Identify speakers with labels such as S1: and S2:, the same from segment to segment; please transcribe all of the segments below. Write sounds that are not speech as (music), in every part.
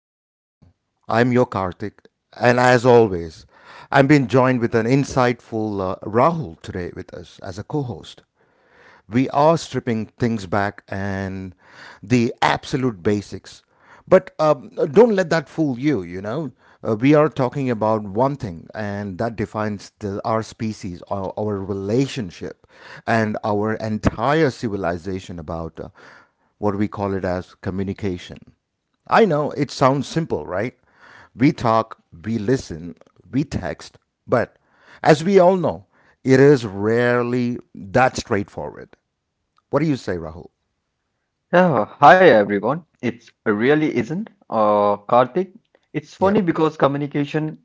S1: the show. I'm your Karthik, and as always, I'm being joined with an insightful Rahul today with us as a co host we are stripping things back and the absolute basics. But don't let that fool you, you know. We are talking about one thing, and that defines our species, our relationship, and our entire civilization about what we call it as communication. I know it sounds simple, right? We talk, we listen, we text, but as we all know, it is rarely that straightforward. What do you say, Rahul?
S2: Yeah, hi everyone. It's really isn't Karthik. It's
S1: Yep.
S2: funny because communication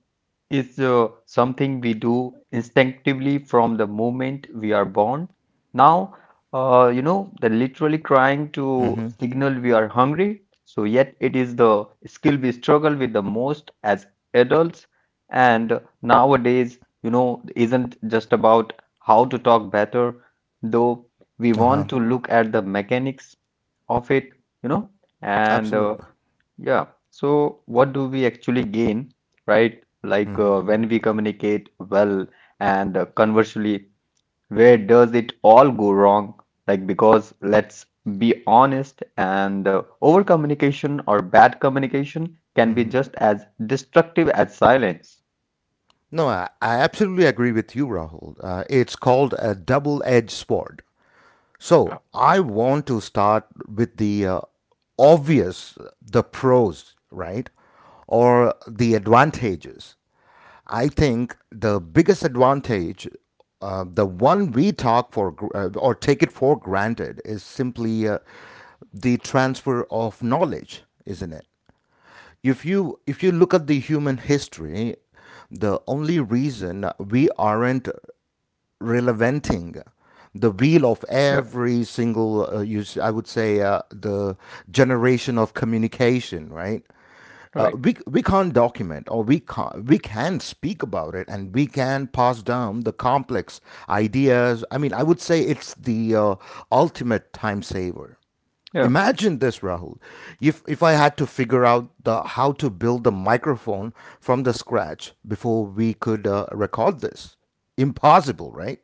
S2: is something we do instinctively from the moment we are born. Now, they're literally trying to
S1: Mm-hmm.
S2: signal we are hungry. So yet it is the skill we struggle with the most as adults. And nowadays, you know, isn't just about how to talk better though we
S1: Uh-huh.
S2: want to look at the mechanics of it, you know, and
S1: Absolutely.
S2: yeah, so what do we actually gain, right? Like
S1: Mm-hmm.
S2: when we communicate well, and conversely, where does it all go wrong? Like, because let's be honest, and over communication or bad communication can be just as destructive as silence.
S1: No, I absolutely agree with you, Rahul. It's called a double-edged sword. So I want to start with the obvious, the pros, right? Or the advantages. I think the biggest advantage, the one we talk for or take it for granted, is simply the transfer of knowledge, isn't it? If you look at the human history, the only reason we aren't relevanting the wheel of
S2: Yeah,
S1: every single, I would say, the generation of communication, right? Uh,
S2: right.
S1: we, we can't document or we can speak about it and we can pass down the complex ideas. I mean, I would say it's the ultimate time saver.
S2: Yeah.
S1: Imagine this, Rahul. If I had to figure out the how to build the microphone from the scratch before we could record this, impossible, right?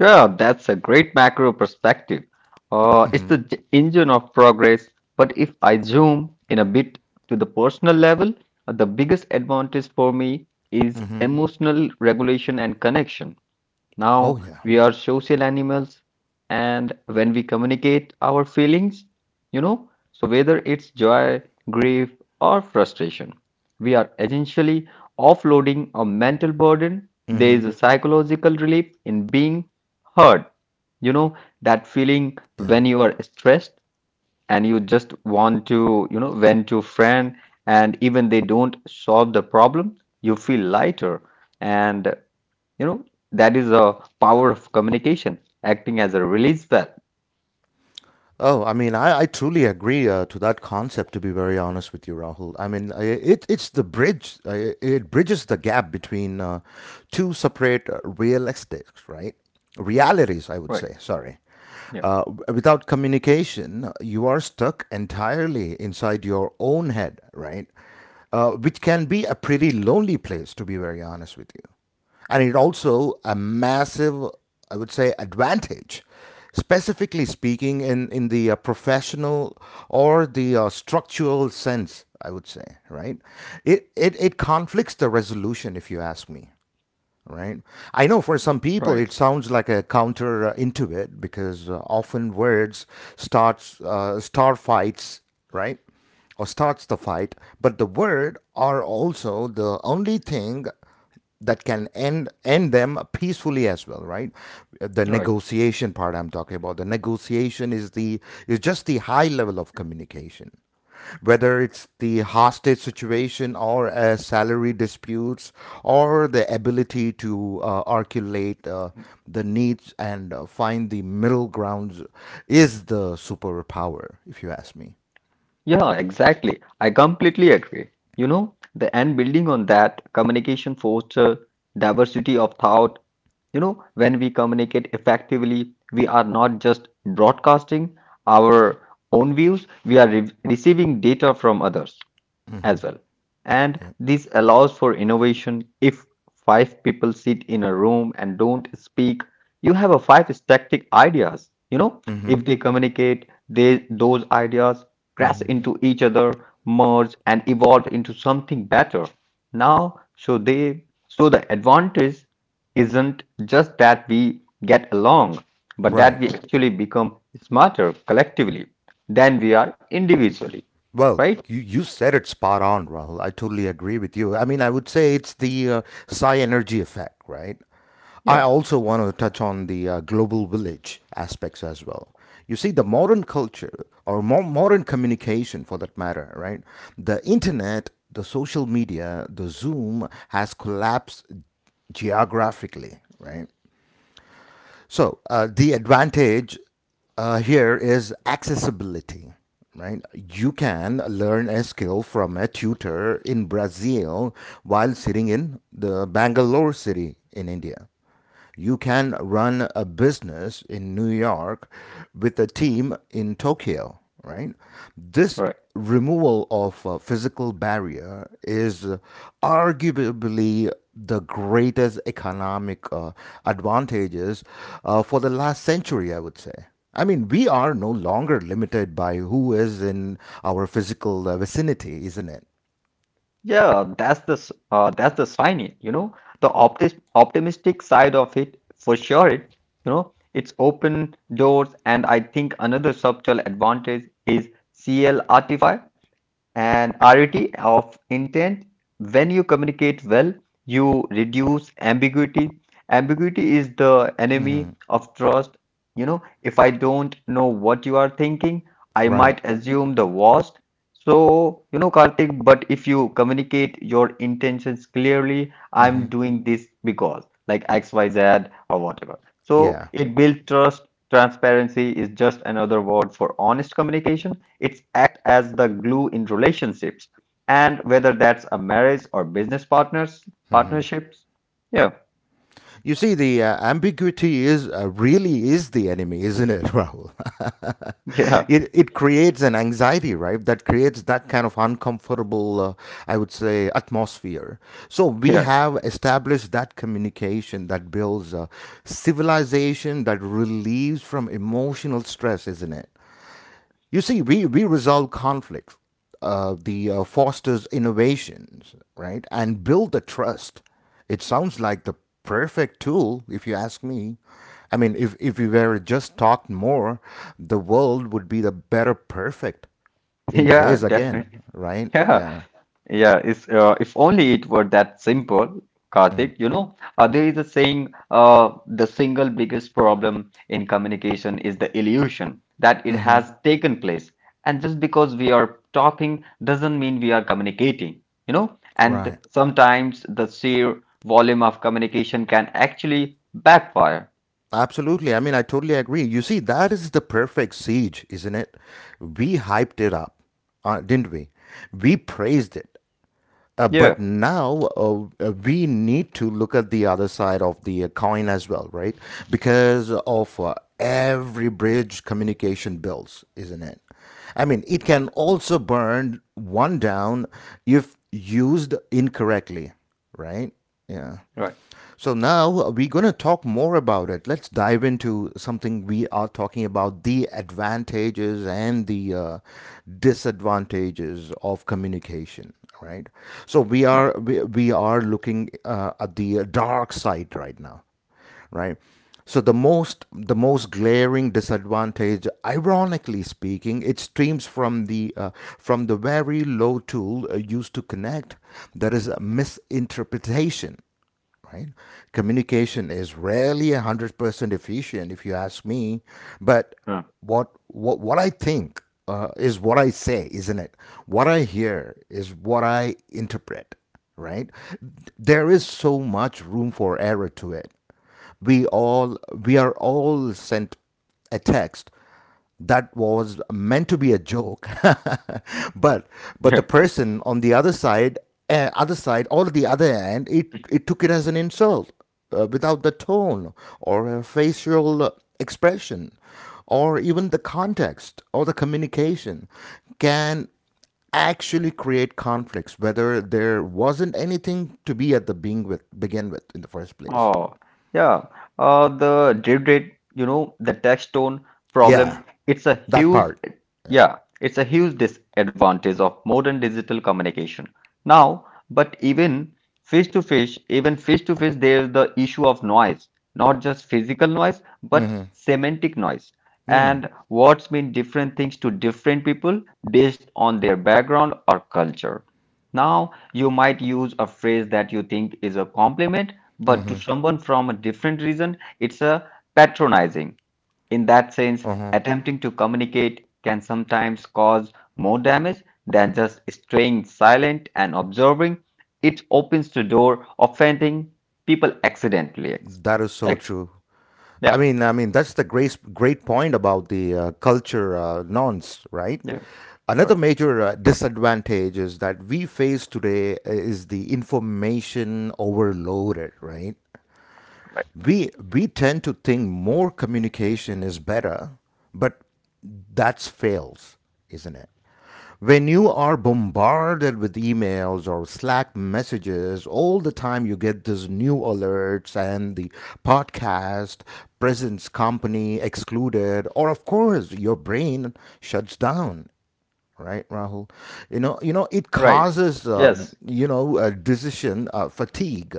S2: Yeah, that's a great macro perspective. It's the engine of progress. But if I zoom in a bit to the personal level, the biggest advantage for me is
S1: Mm-hmm.
S2: emotional regulation and connection.
S1: Oh
S2: Now
S1: yeah.
S2: we are social animals, and when we communicate our feelings, you know, so whether it's joy, grief, or frustration, we are essentially offloading a mental burden. There
S1: Mm-hmm.
S2: is a psychological relief in being heard. You know, that feeling
S1: Yeah.
S2: when you are stressed and you just want to, vent to friend, and even they don't solve the problem, you feel lighter. And you know, that is a power of communication, acting as a release valve.
S1: Oh, I mean, I truly agree to that concept, to be very honest with you, Rahul. I mean, it, it's the bridge, it bridges the gap between two separate realistics, right? Realities, I would
S2: Right.
S1: say, sorry.
S2: Yeah.
S1: Without communication, you are stuck entirely inside your own head, right? Which can be a pretty lonely place, to be very honest with you. And it also a massive, I would say, advantage, specifically speaking, in the professional or the structural sense, I would say, right? It conflicts the resolution, if you ask me right? I know for some people
S2: Right.
S1: it sounds like a counter intuit because often words start fights, right? Or starts the fight, but the word are also the only thing that can end them peacefully as well, right? The
S2: Right.
S1: negotiation part I'm talking about. The negotiation is just the high level of communication whether it's the hostage situation or salary disputes or the ability to articulate the needs and find the middle grounds is the superpower if you ask me
S2: Yeah, exactly. I completely agree. You know, the And building on that, communication fosters diversity of thought. You know, when we communicate effectively, we are not just broadcasting our own views, we are re receiving data from others as well. And
S1: yeah
S2: this allows for innovation. If five people sit in a room and don't speak, you have a five static ideas. You know,
S1: mhm
S2: if they communicate, they those ideas
S1: mm
S2: crash
S1: mhm
S2: into each other, merge and evolve into something better. Now, so the advantage isn't just that we get along, but
S1: right
S2: that we actually become smarter collectively than we are individually,
S1: Well,
S2: right?
S1: you said it spot on, Rahul. I totally agree with you. I mean, I would say it's the psi energy effect, right? I
S2: Yeah,
S1: also want to touch on the global village aspects as well. You see, the modern culture or more modern communication, for that matter, right? The internet, the social media, the Zoom has collapsed geographically, right? The advantage here is accessibility, right? You can learn a skill from a tutor in Brazil while sitting in the Bangalore city in India. You can run a business in New York with a team in Tokyo, right? This
S2: right.
S1: removal of physical barrier is arguably the greatest economic advantages for the last century, I would say. I mean, we are no longer limited by who is in our physical vicinity, isn't it?
S2: Yeah, that's the that's the sign, it, you know, the optis optimistic side of it for sure. It, you know, it's open doors, and I think another subtle advantage is CL Artify and rarity of intent when you communicate well, you reduce ambiguity. Ambiguity is the enemy of trust. You know, if I don't know what you are thinking, I
S1: Right.
S2: might assume the worst. So you know, Karthik, but if you communicate your intentions clearly,
S1: hmm
S2: I'm doing this because like xyz or whatever, so
S1: Yeah.
S2: it builds trust. Transparency is just another word for honest communication. It's Act as the glue in relationships, and whether that's a marriage or business partnerships. Yeah.
S1: You see, the ambiguity is really is the enemy, isn't it, Rahul? (laughs)
S2: Yeah.
S1: it creates an anxiety, right? That creates that kind of uncomfortable, I would say, atmosphere. So we
S2: Yeah.
S1: have established that communication that builds civilization that relieves from emotional stress, isn't it? You see, we resolve conflicts, the fosters innovations, right, and build the trust. It sounds like the perfect tool, if you ask me. I mean, if we were just talked more, the world would be the better perfect in
S2: (laughs) Yeah,
S1: place again,
S2: definitely.
S1: right?
S2: Yeah.
S1: Yeah,
S2: Yeah, it's, if only it were that simple, Karthik. You know, there is a saying, the single biggest problem in communication is the illusion that it has taken place. And just because we are talking doesn't mean we are communicating, you know? And
S1: right.
S2: sometimes the sheer volume of communication can actually backfire.
S1: Absolutely. I mean, I totally agree. You see, that is the perfect siege, isn't it? We hyped it up, didn't we? We praised it Uh,
S2: Yeah,
S1: but now we need to look at the other side of the coin as well, right? Because of every bridge communication builds, isn't it? I mean, it can also burn one down if used incorrectly, right? Yeah.
S2: right,
S1: So now we're going to talk more about it. Let's dive into something we are talking about the advantages and the disadvantages of communication, right? So we are looking at the dark side right now, right? So the most glaring disadvantage, ironically speaking, it streams from the very low tool used to connect. That is a misinterpretation right? Communication is rarely 100% efficient, if you ask me. But
S2: right.
S1: what I think is what I say, isn't it? What I hear is what I interpret, right? There is so much room for error to it. We are all sent a text that was meant to be a joke (laughs) but but
S2: Yeah.
S1: the person on the other side or the other end it it took it as an insult without the tone or a facial expression or even the context or the communication can actually create conflicts whether there wasn't anything to be at the being with begin with in the first place
S2: Oh, yeah. The drip rate, you know, the tax tone
S1: yeah
S2: problem, it's a
S1: that
S2: huge,
S1: part
S2: yeah, it's a huge disadvantage of modern digital communication. Now, but even even face to face, there's the issue of noise, not just physical noise, but
S1: mm-hmm.
S2: semantic noise.
S1: mm.
S2: And words mean different things to different people based on their background or culture. Now, you might use a phrase that you think is a compliment, but to someone from a different reason, it's a patronizing. In that sense,
S1: Uh-huh.
S2: attempting to communicate can sometimes cause more damage than just staying silent and observing. It opens the door offending people accidentally.
S1: That is so
S2: Right?
S1: true. I
S2: Yeah.
S1: mean, I mean that's the great point about the culture norms, right?
S2: Yeah. Right.
S1: Another major disadvantage is that we face today is the information overloaded, right?
S2: Right.
S1: we tend to think more communication is better but that's fails isn't it when you are bombarded with emails or slack messages all the time you get these new alerts and the podcast presence company excluded or of course your brain shuts down right rahul you know it
S2: Right.
S1: causes
S2: Yes.
S1: you know a decision fatigue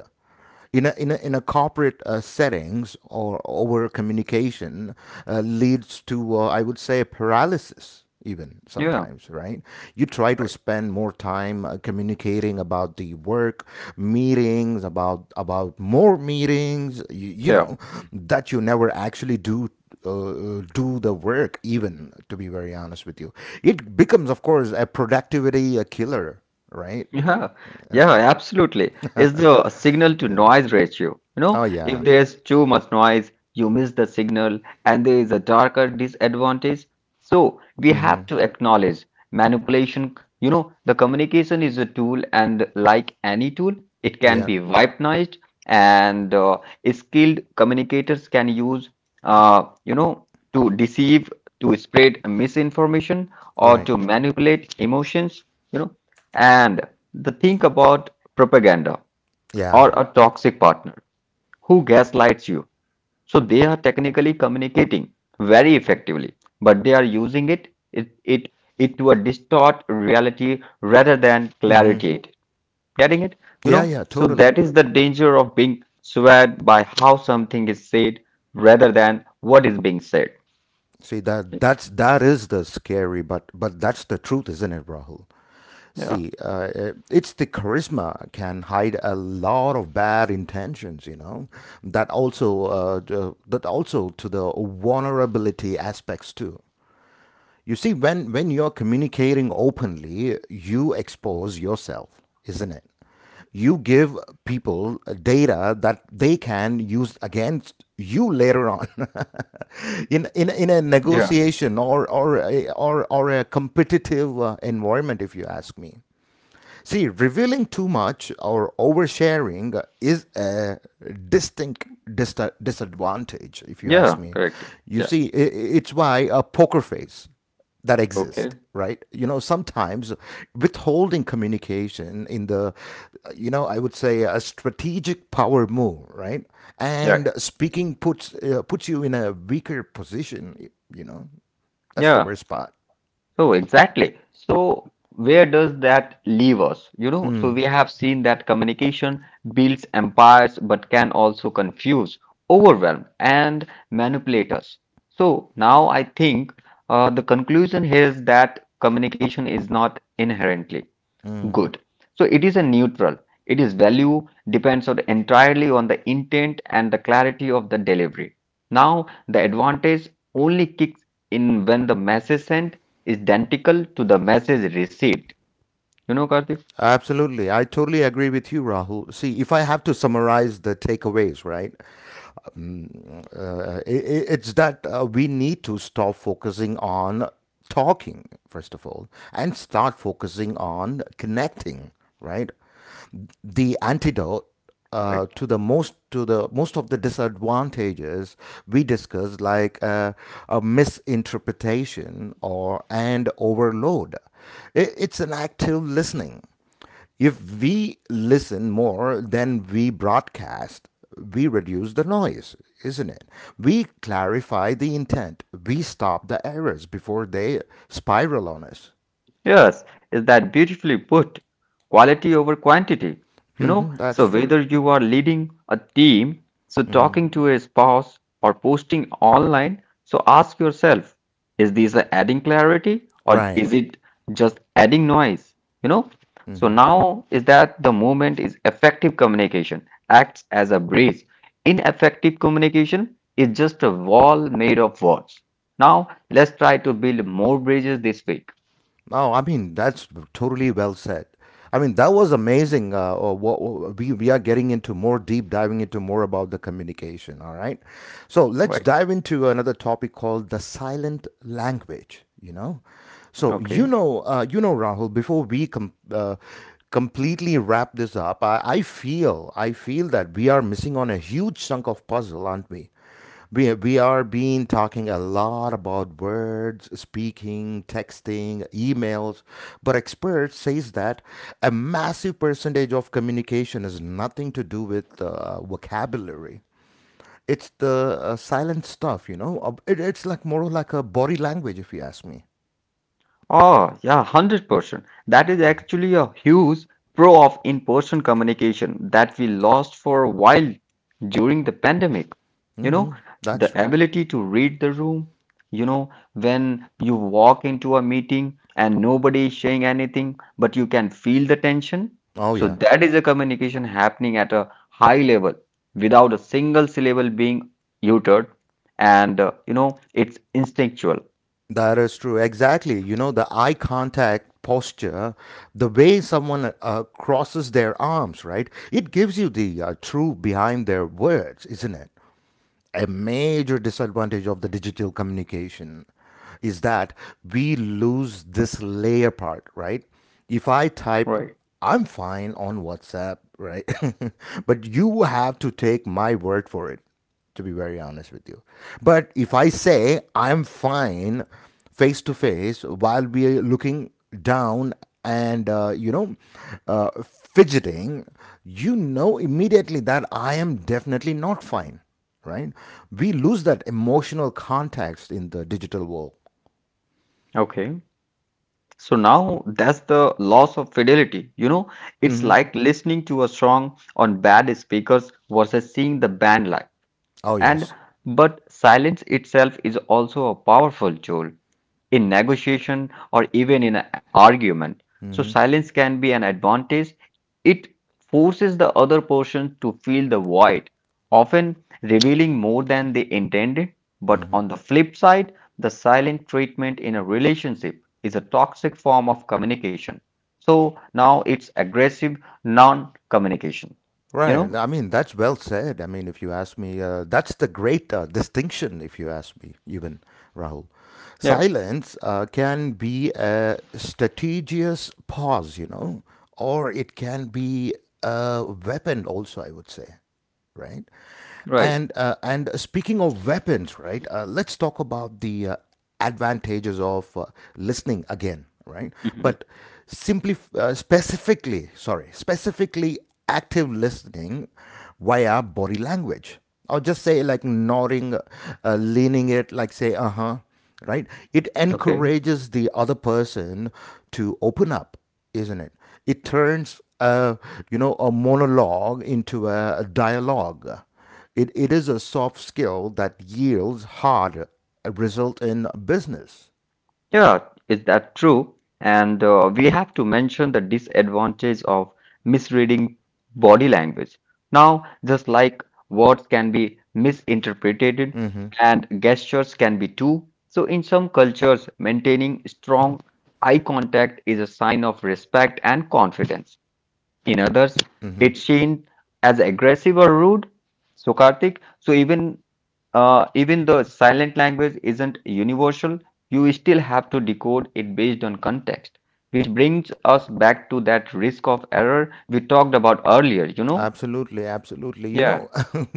S1: in a corporate settings or over communication leads to I would say paralysis even
S2: Yeah.
S1: sometimes right you try to
S2: Right.
S1: spend more time communicating about the work meetings about more meetings you
S2: Yeah.
S1: know that you never actually do uh, do the work even to be very honest with you it becomes of course a productivity a killer right
S2: Yeah, yeah, absolutely. It's the signal to
S1: yeah
S2: noise ratio. You
S1: oh
S2: know, if
S1: yeah
S2: there's too much noise, you miss the signal, and there is a darker disadvantage. So we have
S1: hmm
S2: to acknowledge manipulation. You know, the communication is a tool, and like any tool, it can
S1: yeah
S2: be weaponized, and skilled communicators can use, uh, you know, to deceive, to spread misinformation, or
S1: right
S2: to manipulate emotions. You know, and the Think about propaganda or
S1: yeah
S2: a toxic partner who gaslights you. So they are technically communicating very effectively, but they are using it to a distort reality rather than
S1: hmm
S2: clarity it. Getting it? You
S1: yeah
S2: know?
S1: yeah
S2: So
S1: totally
S2: that is the danger of being swayed by how something is said rather than what is being said.
S1: see that that is the scary but that's the truth isn't it rahul
S2: Yeah.
S1: see it's the charisma can hide a lot of bad intentions you know that also that also to the vulnerability aspects too You see, when you're communicating openly, you expose yourself, isn't it? You give people data that they can use against you later on. (laughs) In a
S2: Yeah.
S1: negotiation or a competitive environment, if you ask me. See, revealing too much or oversharing is a distinct dis- disadvantage, if you
S2: Yeah,
S1: ask me.
S2: correct.
S1: You
S2: Yeah.
S1: see, it's why a poker face that
S2: Okay.
S1: exists, right? You know, sometimes withholding communication in the, you know, I would say a strategic power move, right?
S2: Right.
S1: And speaking puts you in a weaker position. You know, that's the
S2: Yeah.
S1: worst part.
S2: So exactly. So where does that leave us? You know, so we
S1: Mm.
S2: have seen that communication builds empires but can also confuse, overwhelm, and manipulate us. So now I think the conclusion here is that communication is not inherently good. So it is a neutral. It is value depends on entirely on the intent and the clarity of the delivery. Now, the advantage only kicks in when the message sent is identical to the message received. You know, Karthik?
S1: Absolutely. I totally agree with you, Rahul. See, if I have to summarize the takeaways, right, it's that we need to stop focusing on talking, first of all, and start focusing on connecting, right? the antidote
S2: Right.
S1: to the most of the disadvantages we discussed, like a misinterpretation or and overload. It's an active listening. If we listen more than we broadcast, we reduce the noise, isn't it? We clarify the intent. We stop the errors before they spiral on us.
S2: Yes, is that beautifully put? Quality over quantity. You know,
S1: Hmm that's
S2: so
S1: true.
S2: whether you are leading a team, so talking to a spouse or posting online, so ask yourself, is this adding clarity or
S1: Right.
S2: is it just adding noise? You know, so now is that the moment? Is effective communication acts as a bridge. Ineffective communication is just a wall made of words. Now let's try to build more bridges this week,
S1: Oh, I mean, that's totally well said. I mean, that was amazing. We are getting into more deep diving into more about the communication. All right. So
S2: right?
S1: let's dive into another topic called the silent language, you know? So,
S2: Okay.
S1: you know, Rahul, before we completely wrap this up, I feel that we are missing on a huge chunk of puzzle, aren't we? We are being talking a lot about words, speaking, texting, emails, but experts says that a massive percentage of communication has nothing to do with vocabulary. It's the silent stuff, you know. It's like more like a body language, if you ask me.
S2: Oh, yeah, 100%. That is actually a huge pro of in-person communication that we lost for a while during the pandemic. You
S1: Hmm
S2: know,
S1: That's
S2: the
S1: true.
S2: ability to read the room, you know, when you walk into a meeting and nobody is saying anything, but you can feel the tension.
S1: Oh
S2: So
S1: yeah.
S2: that is a communication happening at a high level without a single syllable being uttered, and you know, it's instinctual.
S1: That is true. Exactly. You know, the eye contact posture, the way someone crosses their arms, right? It gives you the truth behind their words, isn't it? A major disadvantage of the digital communication is that we lose this layer part, right? If I type,
S2: Right.
S1: I'm fine on WhatsApp, right? (laughs) But you have to take my word for it, to be very honest with you. But if I say, I'm fine face to face while we are looking down and fidgeting, you know immediately that I am definitely not fine, right? We lose that emotional context in the digital world.
S2: Okay. So now that's the loss of fidelity. You know, it's
S1: Hmm.
S2: like listening to a song on bad speakers versus seeing the band live.
S1: Oh,
S2: And
S1: yes.
S2: but silence itself is also a powerful tool in negotiation or even in an argument. So, silence can be an advantage. It forces the other person to fill the void, often revealing more than they intended. But on the flip side, the silent treatment in a relationship is a toxic form of communication. So now it's aggressive non communication. You
S1: Right.
S2: know?
S1: I mean, that's well said. I mean, if you ask me, that's the great distinction, if you ask me, even, Rahul.
S2: Yeah.
S1: Silence can be a strategious pause, you know, or it can be a weapon also, I would say. Right?
S2: Right.
S1: And speaking of weapons, right? Let's talk about the advantages of listening again, right?
S2: Mhm.
S1: But simply, specifically active listening via body language, or just say like nodding, leaning it, like say, uh huh, right? It
S2: Okay.
S1: encourages the other person to open up, isn't it? It turns a a monologue into a dialogue. It is a soft skill that yields hard result in business.
S2: Yeah, is that true? And we have to mention the disadvantage of misreading body language. Now, just like words can be misinterpreted and gestures can be too. So, in some cultures, maintaining strong eye contact is a sign of respect and confidence. In others, it's seen as aggressive or rude. So, Karthik, so even even though silent language isn't universal, you still have to decode it based on context, which brings us back to that risk of error we talked about earlier, you know?
S1: Absolutely, absolutely. You
S2: Yeah,
S1: know, (laughs)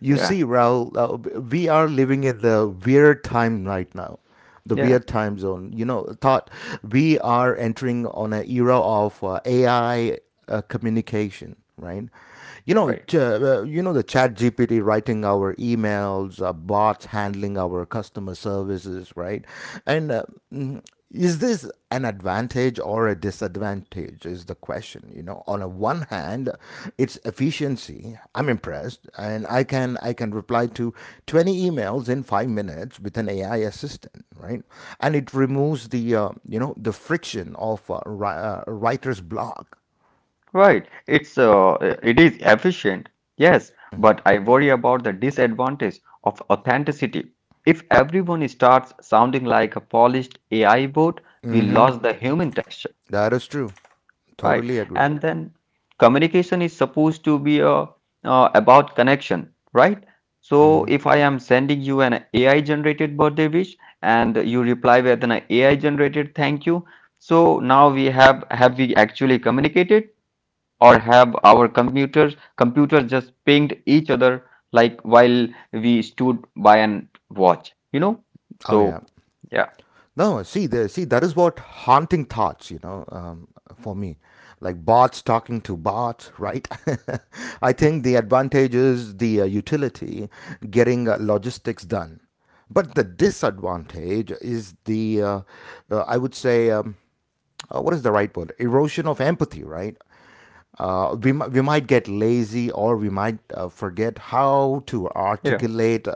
S1: you see, Raul, we are living in the weird time right now, the
S2: yeah.
S1: weird time zone. You know, thought we are entering on an era of AI communication, right? You know,
S2: Right.
S1: you know the Chat GPT writing our emails, bots handling our customer services, right? And is this an advantage or a disadvantage is the question? You know, on a one hand it's efficiency. I'm impressed, and I can reply to 20 emails in 5 minutes with an AI assistant, right? And it removes the the friction of writer's block.
S2: Right. It's it is efficient, yes, but I worry about the disadvantage of authenticity. If everyone starts sounding like a polished AI bot, we lost the human texture.
S1: That is true.
S2: Right.
S1: Totally agree.
S2: And then communication is supposed to be about connection, right? So if I am sending you an AI generated birthday wish and you reply with an AI generated thank you, so now we have we actually communicated or have our computers just pinged each other like while we stood by and watch, you know?
S1: Oh yeah.
S2: So yeah,
S1: No, see, that is what haunting thoughts, you know, for me, like bots talking to bots, right? (laughs) I think the advantage is the utility, getting logistics done, but the disadvantage is the, I would say, what is the right word? Erosion of empathy, right? We might get lazy, or we might forget how to articulate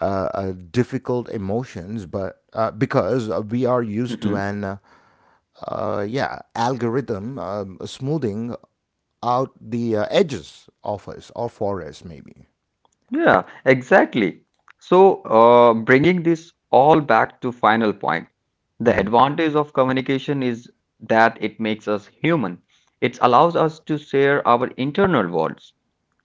S1: uh, difficult emotions, but because we are used to
S2: yeah.
S1: an yeah algorithm smoothing out the edges of us or for us maybe.
S2: Yeah, exactly. So, bringing this all back to final point, the advantage of communication is that it makes us human. It allows us to share our internal worlds.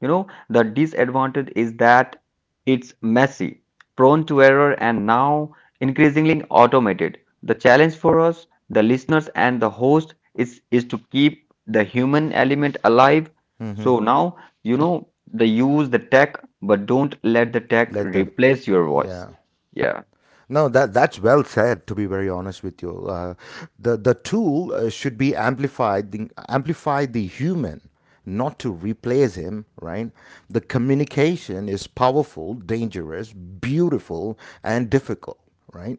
S2: You know, the disadvantage is that it's messy, prone to error, and now increasingly automated. The challenge for us, the listeners, and the host is to keep the human element alive. So now, you know, they use the tech, but don't let the tech
S1: Let the
S2: replace your voice.
S1: yeah.
S2: Yeah.
S1: No, That that's well said. To be very honest with you, the tool should be amplified, the, amplify the human, not to replace him. Right? The communication is powerful, dangerous, beautiful, and difficult. Right?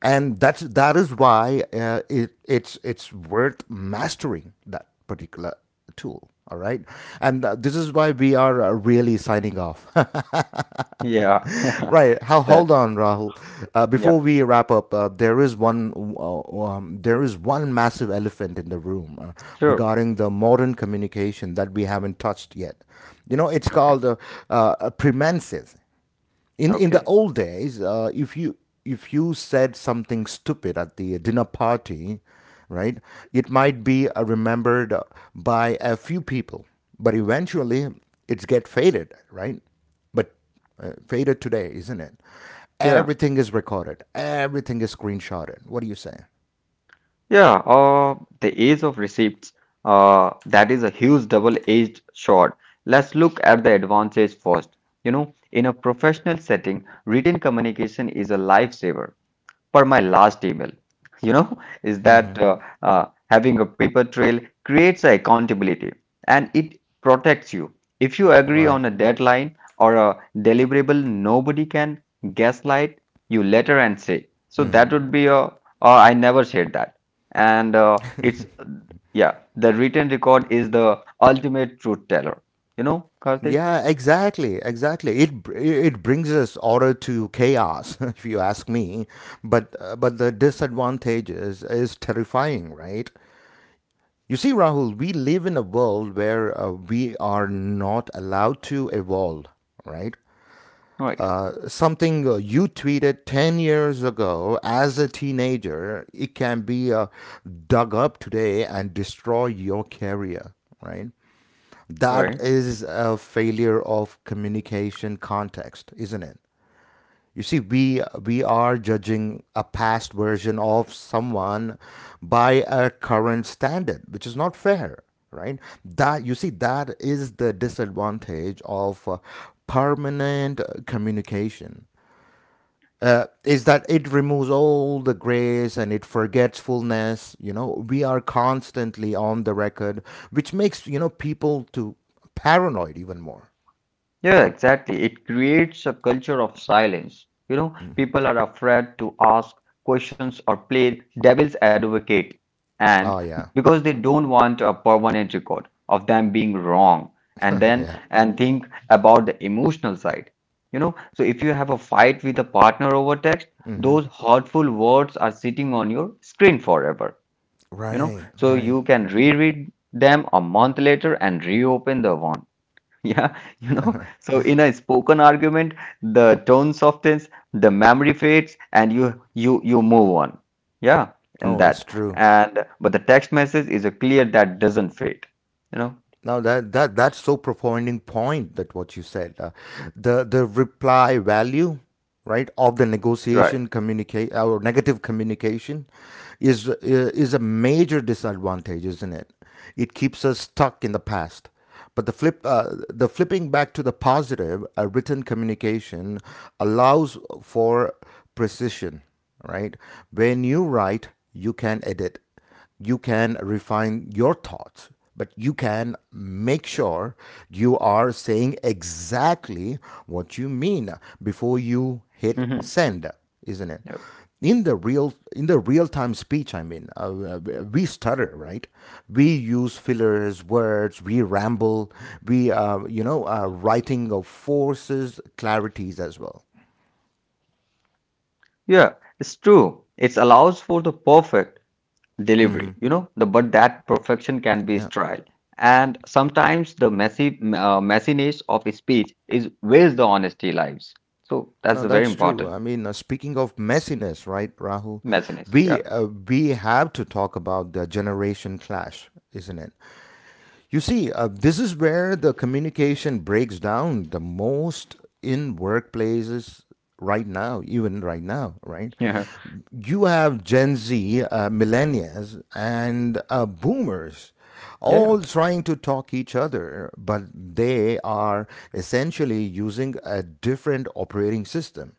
S1: And that is why it, it's worth mastering that particular tool. All right, and this is why we are really signing off,
S2: Yeah. (laughs)
S1: right. How, hold
S2: That.
S1: on, Rahul.
S2: Yeah.
S1: Before we wrap up, there is one massive elephant in the room
S2: Sure.
S1: regarding the modern communication that we haven't touched yet. You know, it's
S2: Okay.
S1: called premenses. In the
S2: Okay.
S1: old days, if you said something stupid at the dinner party, right, it might be remembered by a few people, but eventually it's get faded, right? But faded today, isn't it?
S2: Yeah.
S1: Everything is recorded. Everything is screenshotted. What do you say?
S2: Yeah, the age of receipts, that is a huge double-edged sword. Let's look at the advantage first. You know, in a professional setting, written communication is a lifesaver for my last email, you know, (laughs) is that having a paper trail creates a accountability and it protects you. If you agree
S1: Right.
S2: on a deadline or a deliverable, nobody can gaslight you later and say, so that would be a, oh, I never said that. And it's, yeah, the written record is the ultimate truth teller. You know, Karthik?
S1: Yeah, exactly, exactly. It brings us order to chaos, (laughs) if you ask me. But the disadvantage is terrifying, right? You see, Rahul, we live in a world where we are not allowed to evolve, right?
S2: Right,
S1: Something you tweeted 10 years ago as a teenager, it can be dug up today and destroy your career, right? That
S2: right.
S1: is a failure of communication context, isn't it? You see, we are judging a past version of someone by a current standard, which is not fair, right? that you see That is the disadvantage of permanent communication, is that it removes all the grace and it forgetfulness. You know, we are constantly on the record, which makes, you know, people to paranoid even more.
S2: Yeah, exactly. It creates a culture of silence. You know, people are afraid to ask questions or play devil's advocate,
S1: Oh
S2: and
S1: yeah,
S2: because they don't want a permanent record of them being wrong, and
S1: (laughs)
S2: then
S1: yeah.
S2: and think about the emotional side. So if you have a fight with a partner over text, those hurtful words are sitting on your screen forever. You know,
S1: Right,
S2: so
S1: right.
S2: you can reread them a month later and reopen the one. Yeah, (laughs) so in a spoken argument, the tone softens, the memory fades, and you move on. Yeah, and
S1: Oh, that's
S2: that.
S1: true.
S2: And but the text message is a clear that doesn't fade. You know,
S1: Now that's so profounding point that what you said, the reply value, right, of the
S2: right?
S1: negotiation communicate or negative communication, is a major disadvantage, isn't it? It keeps us stuck in the past. But the flipping back to the positive, written communication allows for precision, right? When you write, you can edit, you can refine your thoughts, but you can make sure you are saying exactly what you mean before you hit
S2: Mm-hmm.
S1: send, isn't it?
S2: Yeah,
S1: In the real time speech, I mean, we stutter, right? We use fillers, words, we ramble, we writing of forces, clarities as well.
S2: yeah, it's true. It allows for the perfect delivery. You know, the but that perfection can be
S1: Yeah.
S2: trial, and sometimes the messy messiness of a speech is where's the honesty lies. So that's
S1: No,
S2: very
S1: that's true.
S2: important.
S1: I mean, speaking of messiness, right, Rahul?
S2: Messiness.
S1: We have to talk about the generation clash, isn't it? You see, this is where the communication breaks down the most in workplaces right now, even right now, right?
S2: Yeah. (laughs)
S1: You have Gen Z, millennials, and boomers all
S2: Yeah.
S1: trying to talk each other, but they are essentially using a different operating system,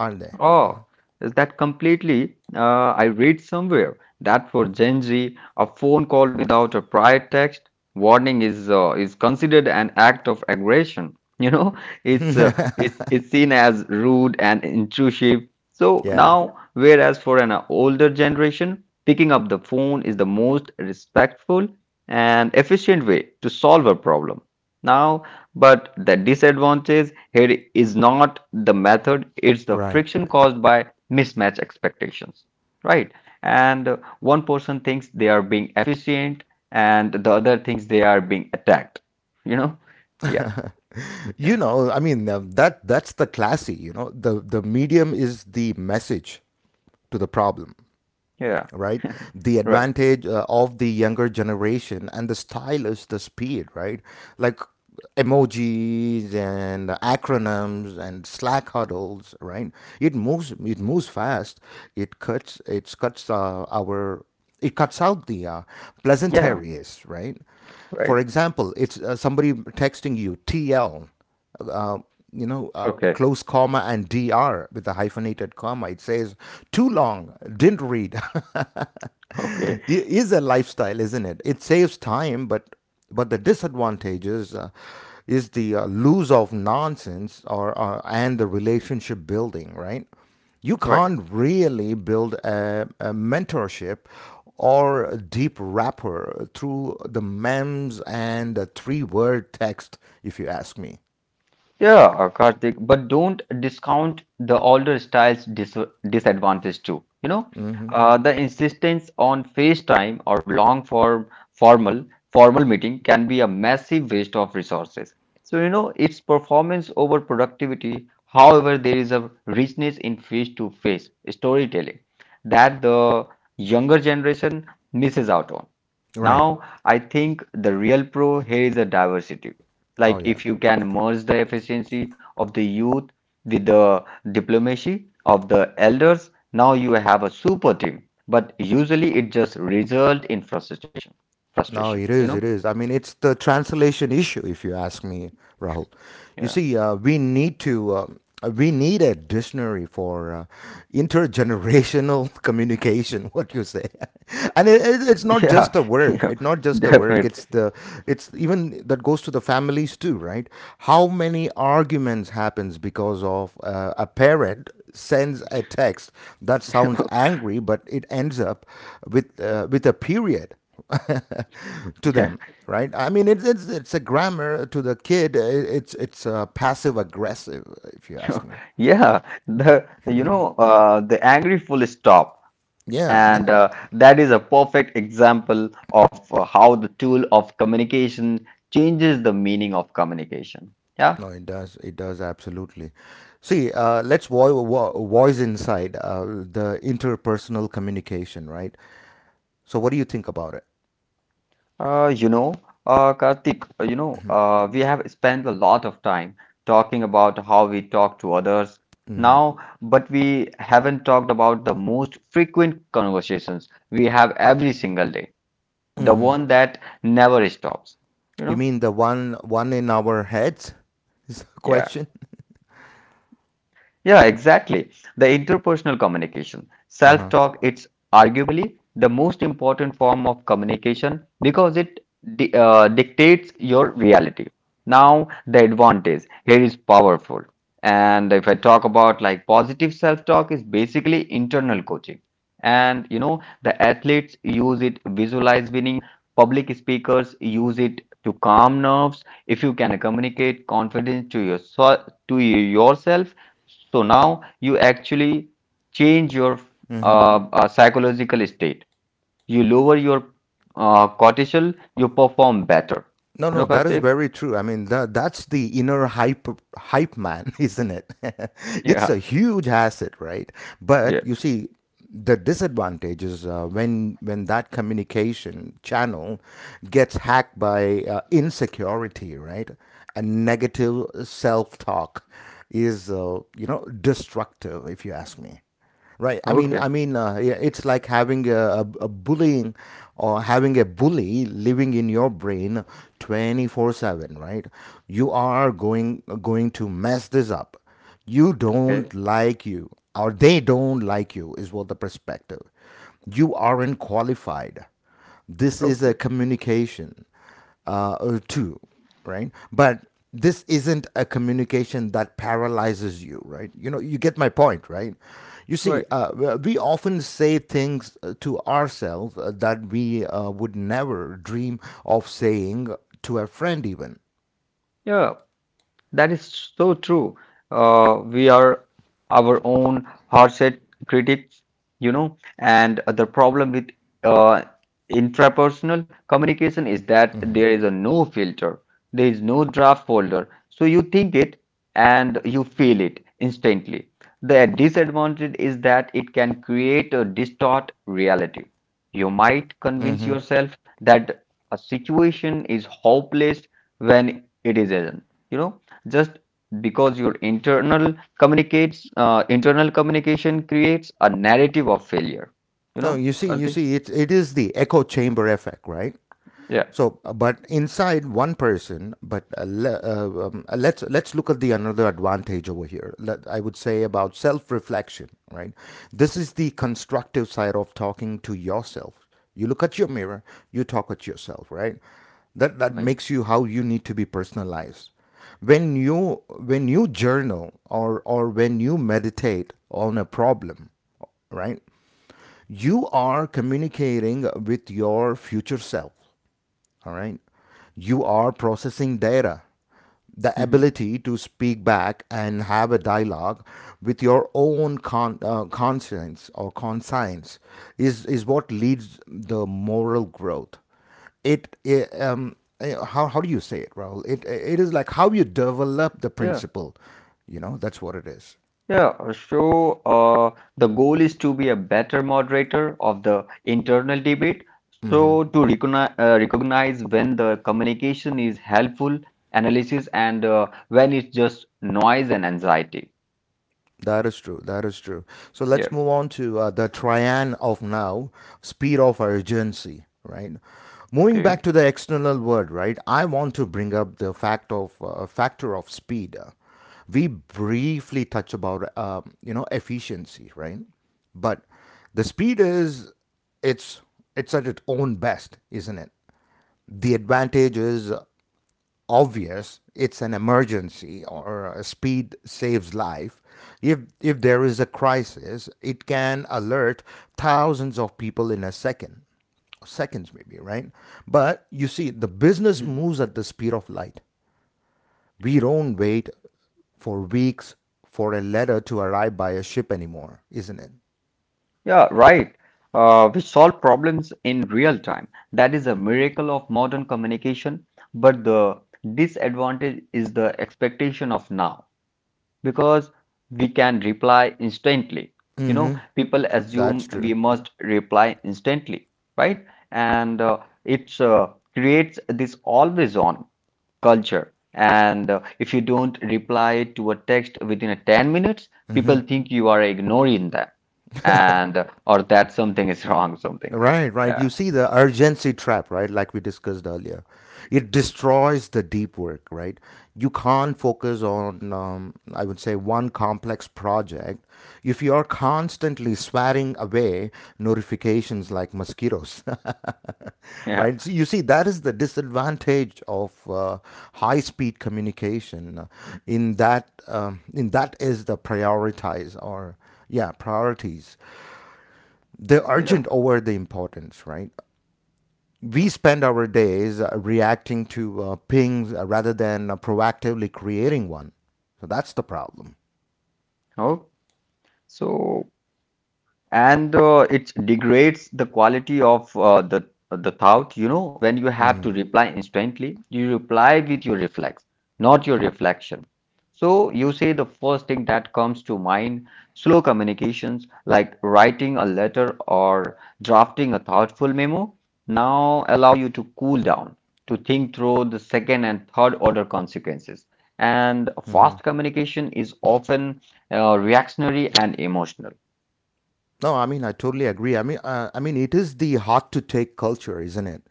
S1: aren't they?
S2: Oh, is that completely? I read somewhere that for Gen Z, a phone call without a prior text warning is considered an act of aggression. You know, (laughs) it's uh, it's seen as rude and intrusive. So
S1: Yeah,
S2: now, whereas for an older generation, picking up the phone is the most respectful and efficient way to solve a problem. Now, but the disadvantage here is not the method, it's the
S1: right.
S2: friction caused by mismatch expectations, right? And one person thinks they are being efficient, and the other thinks they are being attacked, you know? Yeah,
S1: You
S2: yeah,
S1: know, I mean, that that's the classy, you know. The medium is the message to the problem,
S2: yeah,
S1: right. The
S2: right.
S1: advantage of the younger generation and the style is the speed, right? Like emojis and acronyms and slack huddles, right? It moves fast. it cuts it cuts uh, our it cuts out the pleasant
S2: Yeah,
S1: areas, right? For
S2: right.
S1: example, it's somebody texting you tl, uh,
S2: Okay,
S1: close comma and dr with a hyphenated comma. It says too long, didn't read. (laughs)
S2: okay,
S1: It is a lifestyle, isn't it? It saves time, but the disadvantages is the lose of nonsense or and the relationship building, right? You
S2: right.
S1: can't really build a mentorship or a deep rapport through the memes and the three word text, if you ask me.
S2: Yeah, Karthik, but don't discount the older styles disadvantage too. The insistence on FaceTime or long form formal meeting can be a massive waste of resources. So, it's performance over productivity. However, there is a richness in face-to-face storytelling that the younger generation misses out on.
S1: Right.
S2: Now, I think the real pro here is a diversity. Like
S1: Oh yeah.
S2: if you can merge the efficiency of the youth with the diplomacy of the elders, now you have a super team. But usually it just result in frustration,
S1: No, it
S2: frustration,
S1: is,
S2: you
S1: it
S2: know?
S1: is. I mean, it's the translation issue, if you ask me, Rahul. You
S2: Yeah.
S1: see, we need a dictionary for intergenerational (laughs) communication. What you say, (laughs) and it's not just
S2: Yeah,
S1: a
S2: (laughs)
S1: work.
S2: yeah,
S1: It's not just a work.
S2: definitely.
S1: It's the, it's even that goes to the families too, right? How many arguments happens because of a parent sends a text that sounds
S2: (laughs)
S1: angry, but it ends up with a period (laughs) to
S2: Yeah,
S1: them, right? I mean, it's a grammar to the kid. It's passive aggressive, if you ask
S2: (laughs)
S1: me.
S2: yeah. The you know the angry full stop,
S1: Yeah, (laughs)
S2: and that is a perfect example of how the tool of communication changes the meaning of communication. Yeah.
S1: no, it does. It does absolutely. See, voice inside the interpersonal communication, right? So, what do you think about it?
S2: Uh, you know, Karthik, we have spent a lot of time talking about how we talk to others
S1: Hmm.
S2: now, but we haven't talked about the most frequent conversations we have every single day, the
S1: Hmm.
S2: one that never stops, you know?
S1: You mean the one in our heads? (laughs) Is the
S2: Yeah.
S1: question?
S2: Yeah, exactly. The interpersonal communication. Self
S1: Uh
S2: talk, it's arguably the most important form of communication because it dictates your reality. Now, the advantage here is powerful. And if I talk about like positive self talk, is basically internal coaching. And the athletes use it visualize winning, public speakers use it to calm nerves. If you can communicate confidence to yourself, so now you actually change your
S1: huh.
S2: psychological state. You lower your cortisol, you perform better.
S1: No,
S2: You
S1: no,
S2: know,
S1: that is
S2: Karthik? (laughs)
S1: very true. I mean, that's the inner hype hype man, (laughs) isn't it? (laughs) It's
S2: Yeah,
S1: a huge asset, right?
S2: yeah.
S1: But you see, the disadvantage is when that communication channel gets hacked by insecurity, right? And negative self-talk is, you know, destructive, if you ask me. Right.
S2: Okay,
S1: Yeah, it's like having a bullying or having a bully living in your brain 24/7, right? You are going going to mess this up. You don't
S2: okay,
S1: like you or they don't like you is what the perspective. You aren't qualified. This is a
S2: okay.
S1: communication or right? But this isn't a communication that paralyzes you, right? You know, you get my point, right? You see,
S2: Right.
S1: we often say things to ourselves that we would never dream of saying to a friend, even.
S2: Yeah. That is so true. We are our own hardset critics, And the problem with uh, intrapersonal communication is that there is a no filter, there is no draft folder. So you think it and you feel it instantly. The disadvantage is that it can create a distort reality. You might convince yourself that a situation is hopeless when it is isn't. You know just because your internal communication creates a narrative of failure,
S1: No, you
S2: Karthik?
S1: see, it is the echo chamber effect, right?
S2: Yeah,
S1: So, but inside one person, but let's look at the another advantage over here. I would say about self-reflection, right? This is the constructive side of talking to yourself. You look at your mirror, you talk at yourself, right? That that
S2: right.
S1: makes you how you need to be personalized. When you journal or when you meditate on a problem, right? You are communicating with your future self, all right. You are processing data. The
S2: Hmm.
S1: ability to speak back and have a dialogue with your own conscience or conscience is what leads the moral growth. It, I- eh, how do you say it, Raul? It is like how you develop the
S2: Yeah,
S1: principle. You know, that's what it is.
S2: yeah. So the goal is to be a better moderator of the internal debate, so to recognize when the communication is helpful analysis, and when it's just noise and anxiety.
S1: That is true. That is true. So
S2: Yeah,
S1: let's move on to the triad of now, speed of urgency, right? Moving
S2: okay.
S1: back to the external world, right? I want to bring up the factor of speed. We briefly touch about you know efficiency, right? But the speed is it's it's at its own best, isn't it? The advantage is obvious, it's an emergency, or speed saves life. If there is a crisis, it can alert thousands of people in a second, seconds maybe, right? But you see, the business moves at the speed of light. We don't wait for weeks for a letter to arrive by a ship anymore, isn't it?
S2: Yeah, right. We solve problems in real time. That is a miracle of modern communication. But the disadvantage is the expectation of now because we can reply instantly. People assume
S1: That's
S2: we
S1: true.
S2: must reply instantly, right? And it's creates this always on culture. And if you don't reply to a text within a 10 minutes, people think you are ignoring them, and or that something is (laughs) wrong, something wrong.
S1: Right, right.
S2: Yeah,
S1: You see the urgency trap, right? Like we discussed earlier, it destroys the deep work, right? You can't focus on, I would say, one complex project if you are constantly swatting away notifications like mosquitoes, (laughs)
S2: yeah,
S1: right? So you see, that is the disadvantage of high-speed communication. In that is the prioritize or yeah priorities. The
S2: yeah.
S1: urgent over the importance, right? We spend our days reacting to pings rather than proactively creating one. So that's the problem.
S2: Oh, so and it degrades the quality of the thought. When you have to reply instantly, you reply with your reflex, not your reflection. So you say the first thing that comes to mind. Slow communications, like writing a letter or drafting a thoughtful memo, now allow you to cool down, to think through the second and third order consequences. And fast communication is often reactionary and emotional.
S1: No, I mean I totally agree. I mean, it is the hot to take culture, isn't it?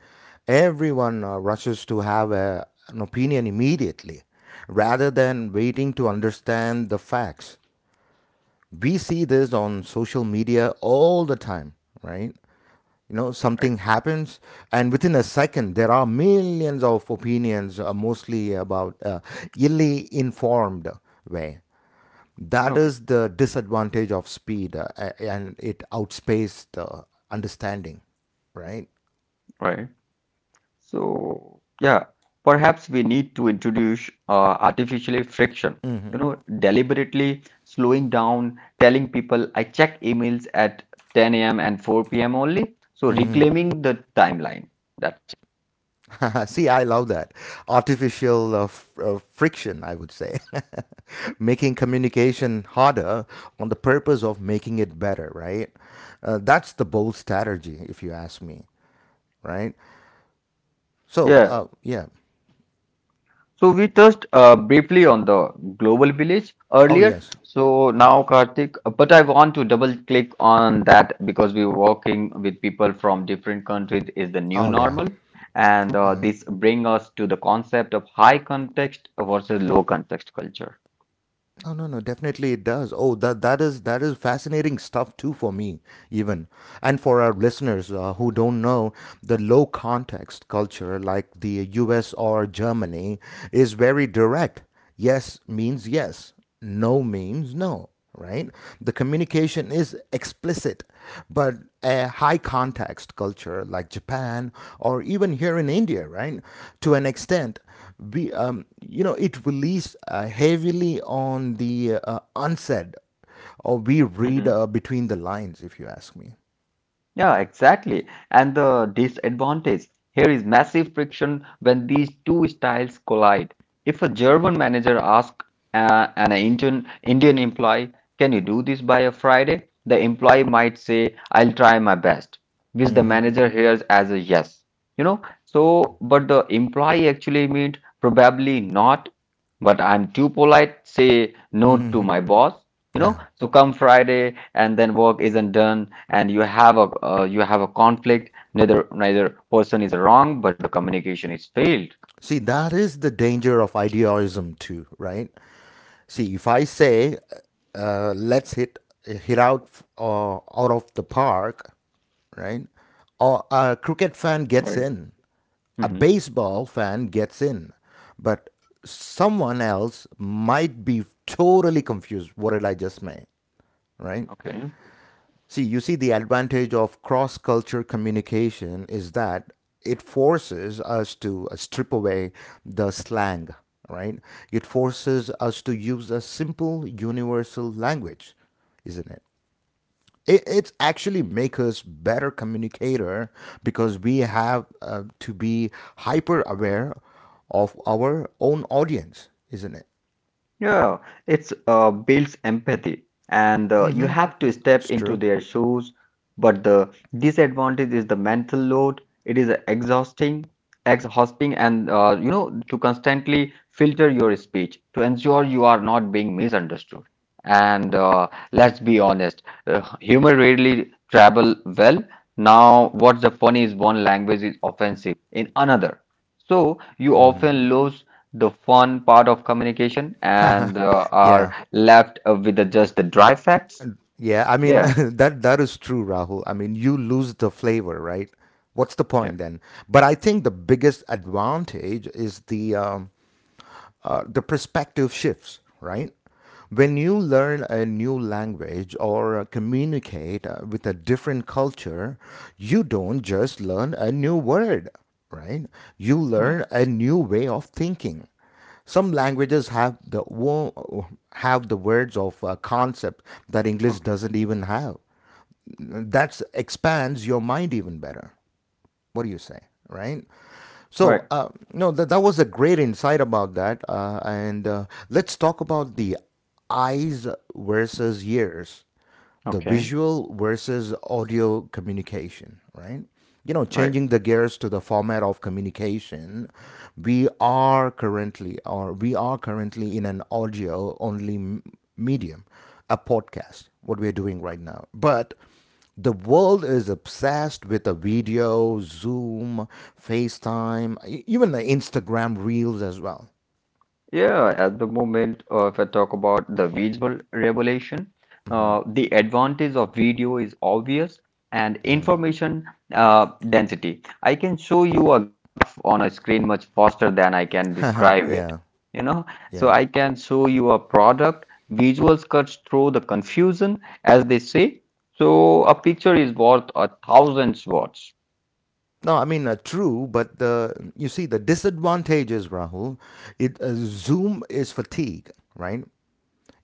S1: Everyone rushes to have a, an opinion immediately, rather than waiting to understand the facts. We see this on social media all the time, right? You know, something
S2: Right,
S1: happens and within a second there are millions of opinions, mostly about illy informed way. That
S2: okay.
S1: is the disadvantage of speed, and it outspaced understanding, right?
S2: Right. So, yeah, perhaps we need to introduce artificially friction, deliberately slowing down, telling people I check emails at 10 a.m. and 4 p.m. only. So, reclaiming the timeline. That's,
S1: (laughs) See, I love that. Artificial friction, I would say, (laughs) making communication harder on the purpose of making it better, right? That's the bold strategy if you ask me, right? So,
S2: yeah.
S1: yeah.
S2: So we touched briefly on the global village
S1: Oh,
S2: earlier.
S1: yes.
S2: So now, Karthik, but I want to double click on that, because we're working with people from different countries is the new
S1: Oh, yeah.
S2: normal, and this bring us to the concept of high context versus low context culture.
S1: Oh, no, no, definitely it does. Oh, that is that is fascinating stuff too for me, even, and for our listeners who don't know, the low context culture like the U.S. or Germany is very direct. Yes means yes. No means no. Right? The communication is explicit, but a high context culture like Japan, or even here in India, right? To an extent, we you know, it relies heavily on the unsaid, or we read between the lines if you ask me.
S2: Yeah, exactly. And the disadvantage here is massive friction when these two styles collide. If a German manager asks an Indian employee, "Can you do this by a Friday?" the employee might say, "I'll try my best," which the manager hears as a yes. You know, so but the employee actually meant probably not, but I'm too polite, say no to my boss.
S1: Yeah.
S2: So come Friday and then work isn't done, and you have a conflict. Neither person is wrong, but the communication is failed.
S1: See, that is the danger of idealism too, right? See, if I say, let's hit hit out of the park, right? Or a cricket fan gets
S2: Right.
S1: in, a
S2: Hmm.
S1: baseball fan gets in, but someone else might be totally confused. What did I just make, right?
S2: Okay.
S1: See, you see, the advantage of cross culture communication is that it forces us to strip away the slang, right? It forces us to use a simple universal language, isn't it? It's actually make us better communicator because we have to be hyper aware of our own audience, isn't it?
S2: Yeah, it's builds empathy, and you have to
S1: That's
S2: step
S1: true.
S2: into their shoes. But the disadvantage is the mental load. It is exhausting, exhausting, and to constantly filter your speech to ensure you are not being misunderstood. And let's be honest, humor rarely travel well. Now, what's the funny is one language is offensive in another, so you often lose the fun part of communication, and are
S1: Yeah.
S2: left just the dry facts.
S1: Yeah, I mean
S2: Yeah.
S1: (laughs) that is true, Rahul. I mean, you lose the flavor, right? What's the
S2: Yeah.
S1: point then? But I think the biggest advantage is the perspective shifts, right? When you learn a new language, or communicate with a different culture, you don't just learn a new word, right? You
S2: Right.
S1: learn a new way of thinking. Some languages have have the words of concept that English
S2: Okay.
S1: doesn't even have. That expands your mind even better. What do you say, right?
S2: Right.
S1: So, no, that was a great insight about that. And let's talk about the eyes versus ears, the
S2: Okay.
S1: visual versus audio communication, right? You know,
S2: Right.
S1: changing the gears to the format of communication, we are currently in an audio only medium, a podcast, what we're doing right now. But the world is obsessed with a video, Zoom, FaceTime, even the Instagram reels as well.
S2: Yeah, at the moment, if I talk about the visual revelation, the advantage of video is obvious and information uh, density. I can show you a graph on a screen much faster than I can
S1: (laughs)
S2: describe it,
S1: yeah,
S2: you know. So I
S1: yeah.
S2: can show you a product. Visuals cuts through the confusion, as they say. So a picture is worth a thousand words,
S1: No, I mean true, but the you see the disadvantages, Rahul. It Zoom is fatigue, right?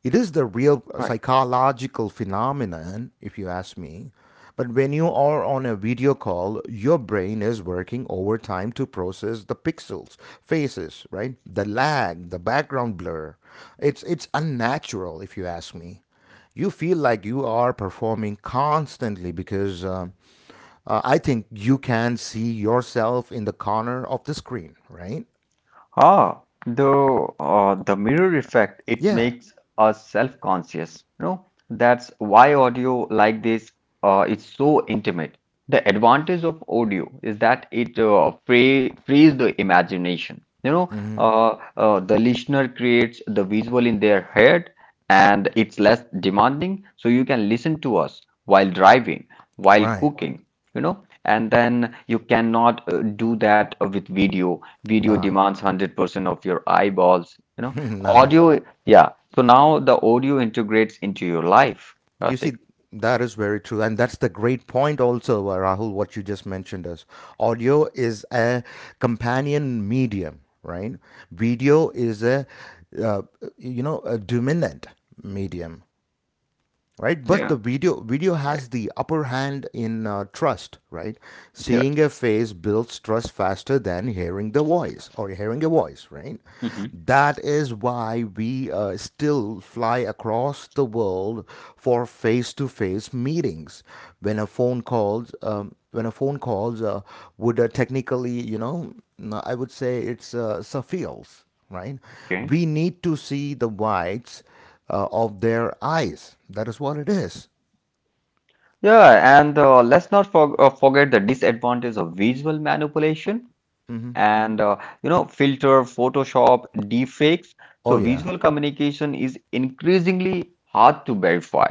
S1: It is the real
S2: right?
S1: psychological phenomenon, if you ask me. But when you are on a video call, your brain is working overtime to process the pixels, faces, right? The lag, the background blur. It's unnatural, if you ask me. You feel like you are performing constantly because I think you can see yourself in the corner of the screen, right?
S2: Ah, the mirror effect, it
S1: Yeah.
S2: makes us self-conscious. No, that's why audio like this is so intimate. The advantage of audio is that it frees the imagination.
S1: Hmm.
S2: The listener creates the visual in their head, and it's less demanding. So you can listen to us while driving, while
S1: Right.
S2: cooking. And then you cannot do that with video. Video
S1: Nah.
S2: demands 100% of your eyeballs,
S1: (laughs) nah.
S2: audio, yeah. So now the audio integrates into your life,
S1: You
S2: Karthik.
S1: see, that is very true. And that's the great point, also, Rahul, what you just mentioned is audio is a companion medium, right? Video is a, uh, you know, a dominant medium, right? But
S2: Yeah,
S1: the video has
S2: right,
S1: the upper hand in trust, right?
S2: yeah.
S1: Seeing a face builds trust faster than hearing the voice, or hearing a voice, right?
S2: Hmm,
S1: That is why we still fly across the world for face-to-face meetings, when a phone calls when a phone calls would technically, you know, I would say it's suffice, right?
S2: okay,
S1: We need to see the whites of their eyes. That is what it is.
S2: yeah. And let's not forget the disadvantage of visual manipulation, and filter, photoshop, deepfakes,
S1: Oh,
S2: so
S1: yeah.
S2: visual communication is increasingly hard to verify.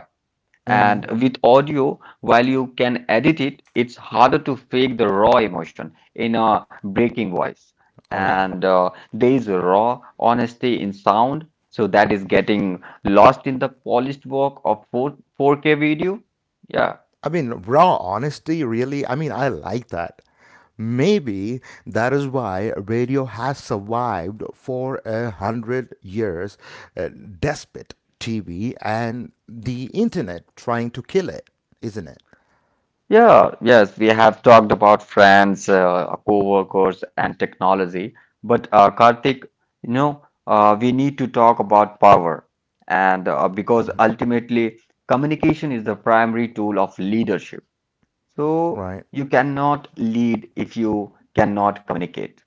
S2: And with audio, while you can edit it, it's harder to fake the raw emotion in a breaking voice.
S1: Oh, yeah.
S2: And there is a raw honesty in sound, so that is getting lost in the polished work of 4K video. Yeah.
S1: I mean, raw honesty, really. I mean, I like that. Maybe that is why radio has survived for a hundred years, uh, despite TV and the internet trying to kill it, isn't it?
S2: Yeah, yes, we have talked about friends, co-workers, and technology. But Karthik, we need to talk about power, and because ultimately, communication is the primary tool of leadership. So
S1: Right.
S2: you cannot lead if you cannot communicate,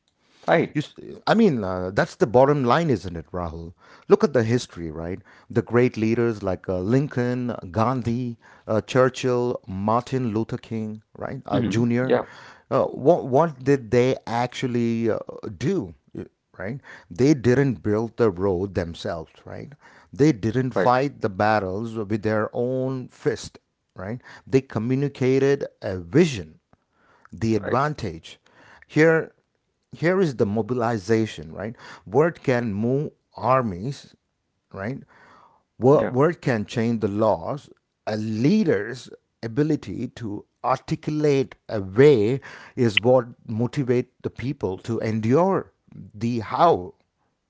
S1: You,
S2: right?
S1: s- I mean, that's the bottom line, isn't it, Rahul? Look at the history, right? The great leaders like Lincoln, Gandhi, Churchill, Martin Luther King, right,
S2: Hmm.
S1: Jr.
S2: Yeah,
S1: What did they actually do? Right? They didn't build the road themselves, right? They didn't
S2: right,
S1: fight the battles with their own fist, right? They communicated a vision. The
S2: right.
S1: advantage here, here is the mobilization, right? Word can move armies, right?
S2: Yeah.
S1: Word can change the laws. A leader's ability to articulate a way is what motivate the people to endure the how,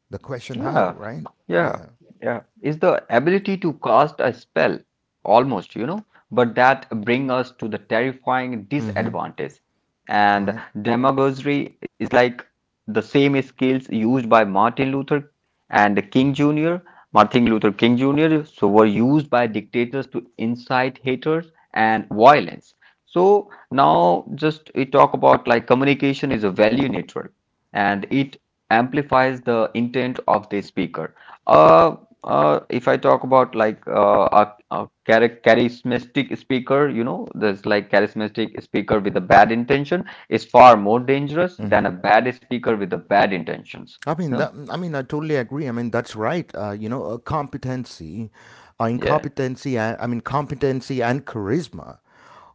S1: the question how,
S2: Yeah,
S1: right?
S2: yeah,
S1: Yeah.
S2: yeah. Is the ability to cast a spell, almost, but that bring us to the terrifying
S1: Hmm.
S2: disadvantage. And
S1: Right.
S2: demagoguery is like the same skills used by Martin Luther and King Jr. Martin Luther King Jr. So were used by dictators to incite haters and violence. So now just we talk about like communication is a value network, and it amplifies the intent of the speaker. Uh, if I talk about like charismatic speaker, there's like charismatic speaker with a bad intention is far more dangerous than a bad speaker with a bad intentions.
S1: I mean,
S2: No?
S1: I mean, I totally agree. I mean, that's right. You know, competency,
S2: Yeah.
S1: incompetency, and, I mean, competency and charisma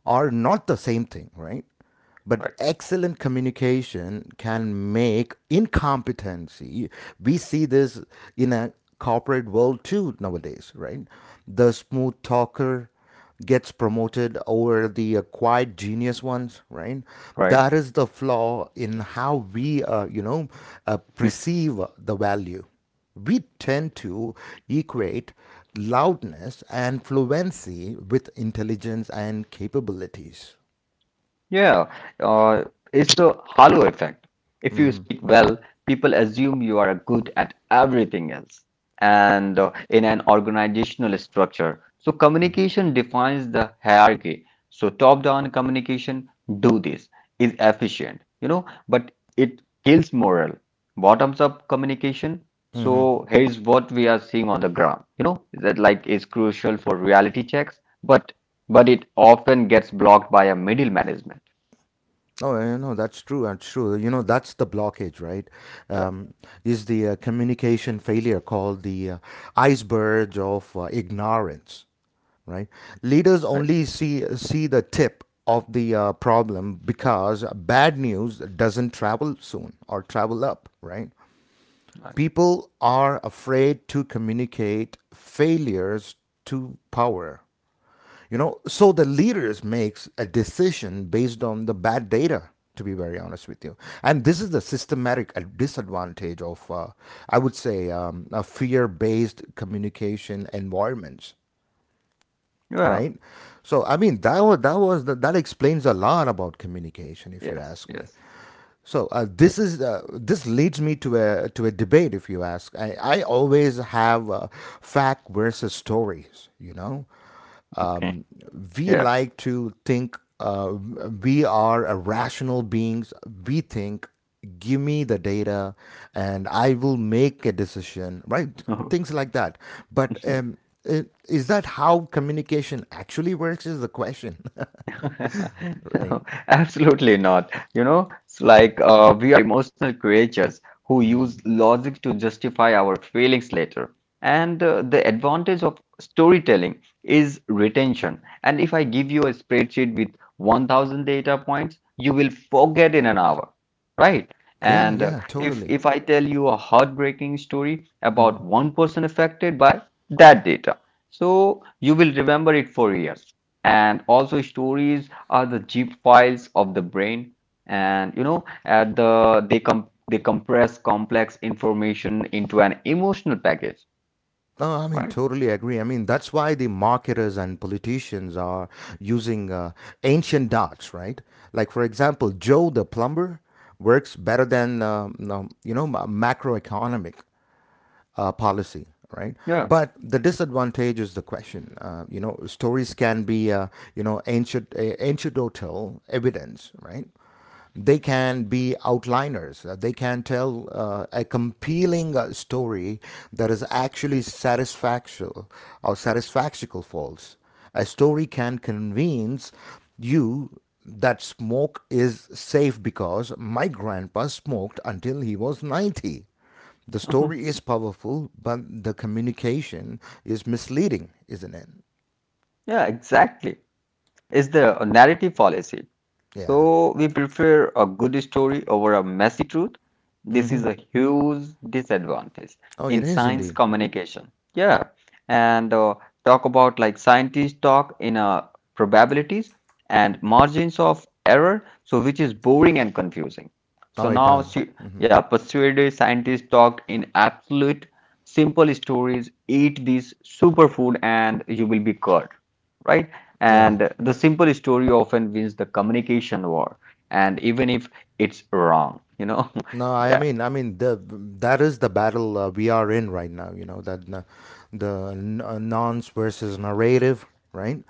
S1: are not the same thing, right?
S2: Right.
S1: But excellent communication can make incompetency. We see this in a corporate world too nowadays, right? The smooth talker gets promoted over the acquired genius ones, right?
S2: Right.
S1: That is the flaw in how we you know perceive the value. We tend to equate loudness and fluency with intelligence and capabilities.
S2: Yeah, uh, it's the halo effect. If you speak well, people assume you are good at everything else. And in an organizational structure, so communication defines the hierarchy. So top-down communication, do this, is efficient, but it kills morale. Bottoms-up communication, so here's what we are seeing on the ground, that like is crucial for reality checks, but it often gets blocked by a middle management.
S1: Oh, I know that's true. That's true. You know, that's the blockage, right?
S2: Right,
S1: Um, is the communication failure called the iceberg of ignorance, right? Leaders
S2: right,
S1: only see the tip of the problem because bad news doesn't travel soon, or travel up, right?
S2: right.
S1: People are afraid to communicate failures to power, you know, so the leaders makes a decision based on the bad data, to be very honest with you. And this is the systematic disadvantage of I would say, a fear-based communication environments, right?
S2: Well,
S1: So I mean that explains a lot about communication if you
S2: yes,
S1: ask me.
S2: yes.
S1: So, this leads me to a debate. If you ask, I always have, fact versus stories. You know,
S2: Okay.
S1: we
S2: Yeah.
S1: like to think we are a rational beings. We think, give me the data, and I will make a decision. Right? Things like that. But
S2: (laughs)
S1: um, is that how communication actually works? Is the question. (laughs)
S2: (laughs)
S1: right.
S2: No, absolutely not. You know, it's like we are emotional creatures who use logic to justify our feelings later. And the advantage of storytelling is retention. And if I give you a spreadsheet with 1,000 data points, you will forget in an hour, right?
S1: Yeah.
S2: And
S1: Yeah.
S2: if
S1: Totally.
S2: if I tell you a heartbreaking story
S1: Mm-hmm.
S2: about one person affected by that data, so you will remember it for years, and also stories are the zip files of the brain, and you know at the they com they compress complex information into an emotional package,
S1: No, I mean,
S2: right?
S1: totally agree. I mean, that's why the marketers and politicians are using ancient dots, right? Like, for example, Joe the plumber works better than, you know, macroeconomic policy, right?
S2: Yeah.
S1: But the disadvantage is the question. You know, stories can be, you know, ancient, anecdotal evidence, right? They can be outliners. They can tell a compelling story that is actually satisfactual or satisfactional false. A story can convince you that smoke is safe because my grandpa smoked until he was 90. The story is powerful, but the communication is misleading, isn't it?
S2: (laughs) Yeah, exactly, is the narrative fallacy.
S1: Yeah.
S2: So we prefer a good story over a messy truth. This
S1: Mm-hmm.
S2: is a huge disadvantage
S1: Oh,
S2: in
S1: it is
S2: science
S1: indeed.
S2: communication. Yeah, and talk about like scientists talk in probabilities and margins of error, so which is boring and confusing.
S1: Oh,
S2: So
S1: it
S2: now,
S1: does.
S2: yeah, persuaded scientists talked in absolute simple stories. Eat this superfood and you will be cured, right?
S1: Yeah.
S2: And the simple story often wins the communication war. And even if it's wrong, you know? (laughs)
S1: No,
S2: Yeah,
S1: I mean, the that is the battle we are in right now. You know that, nonce versus narrative, right?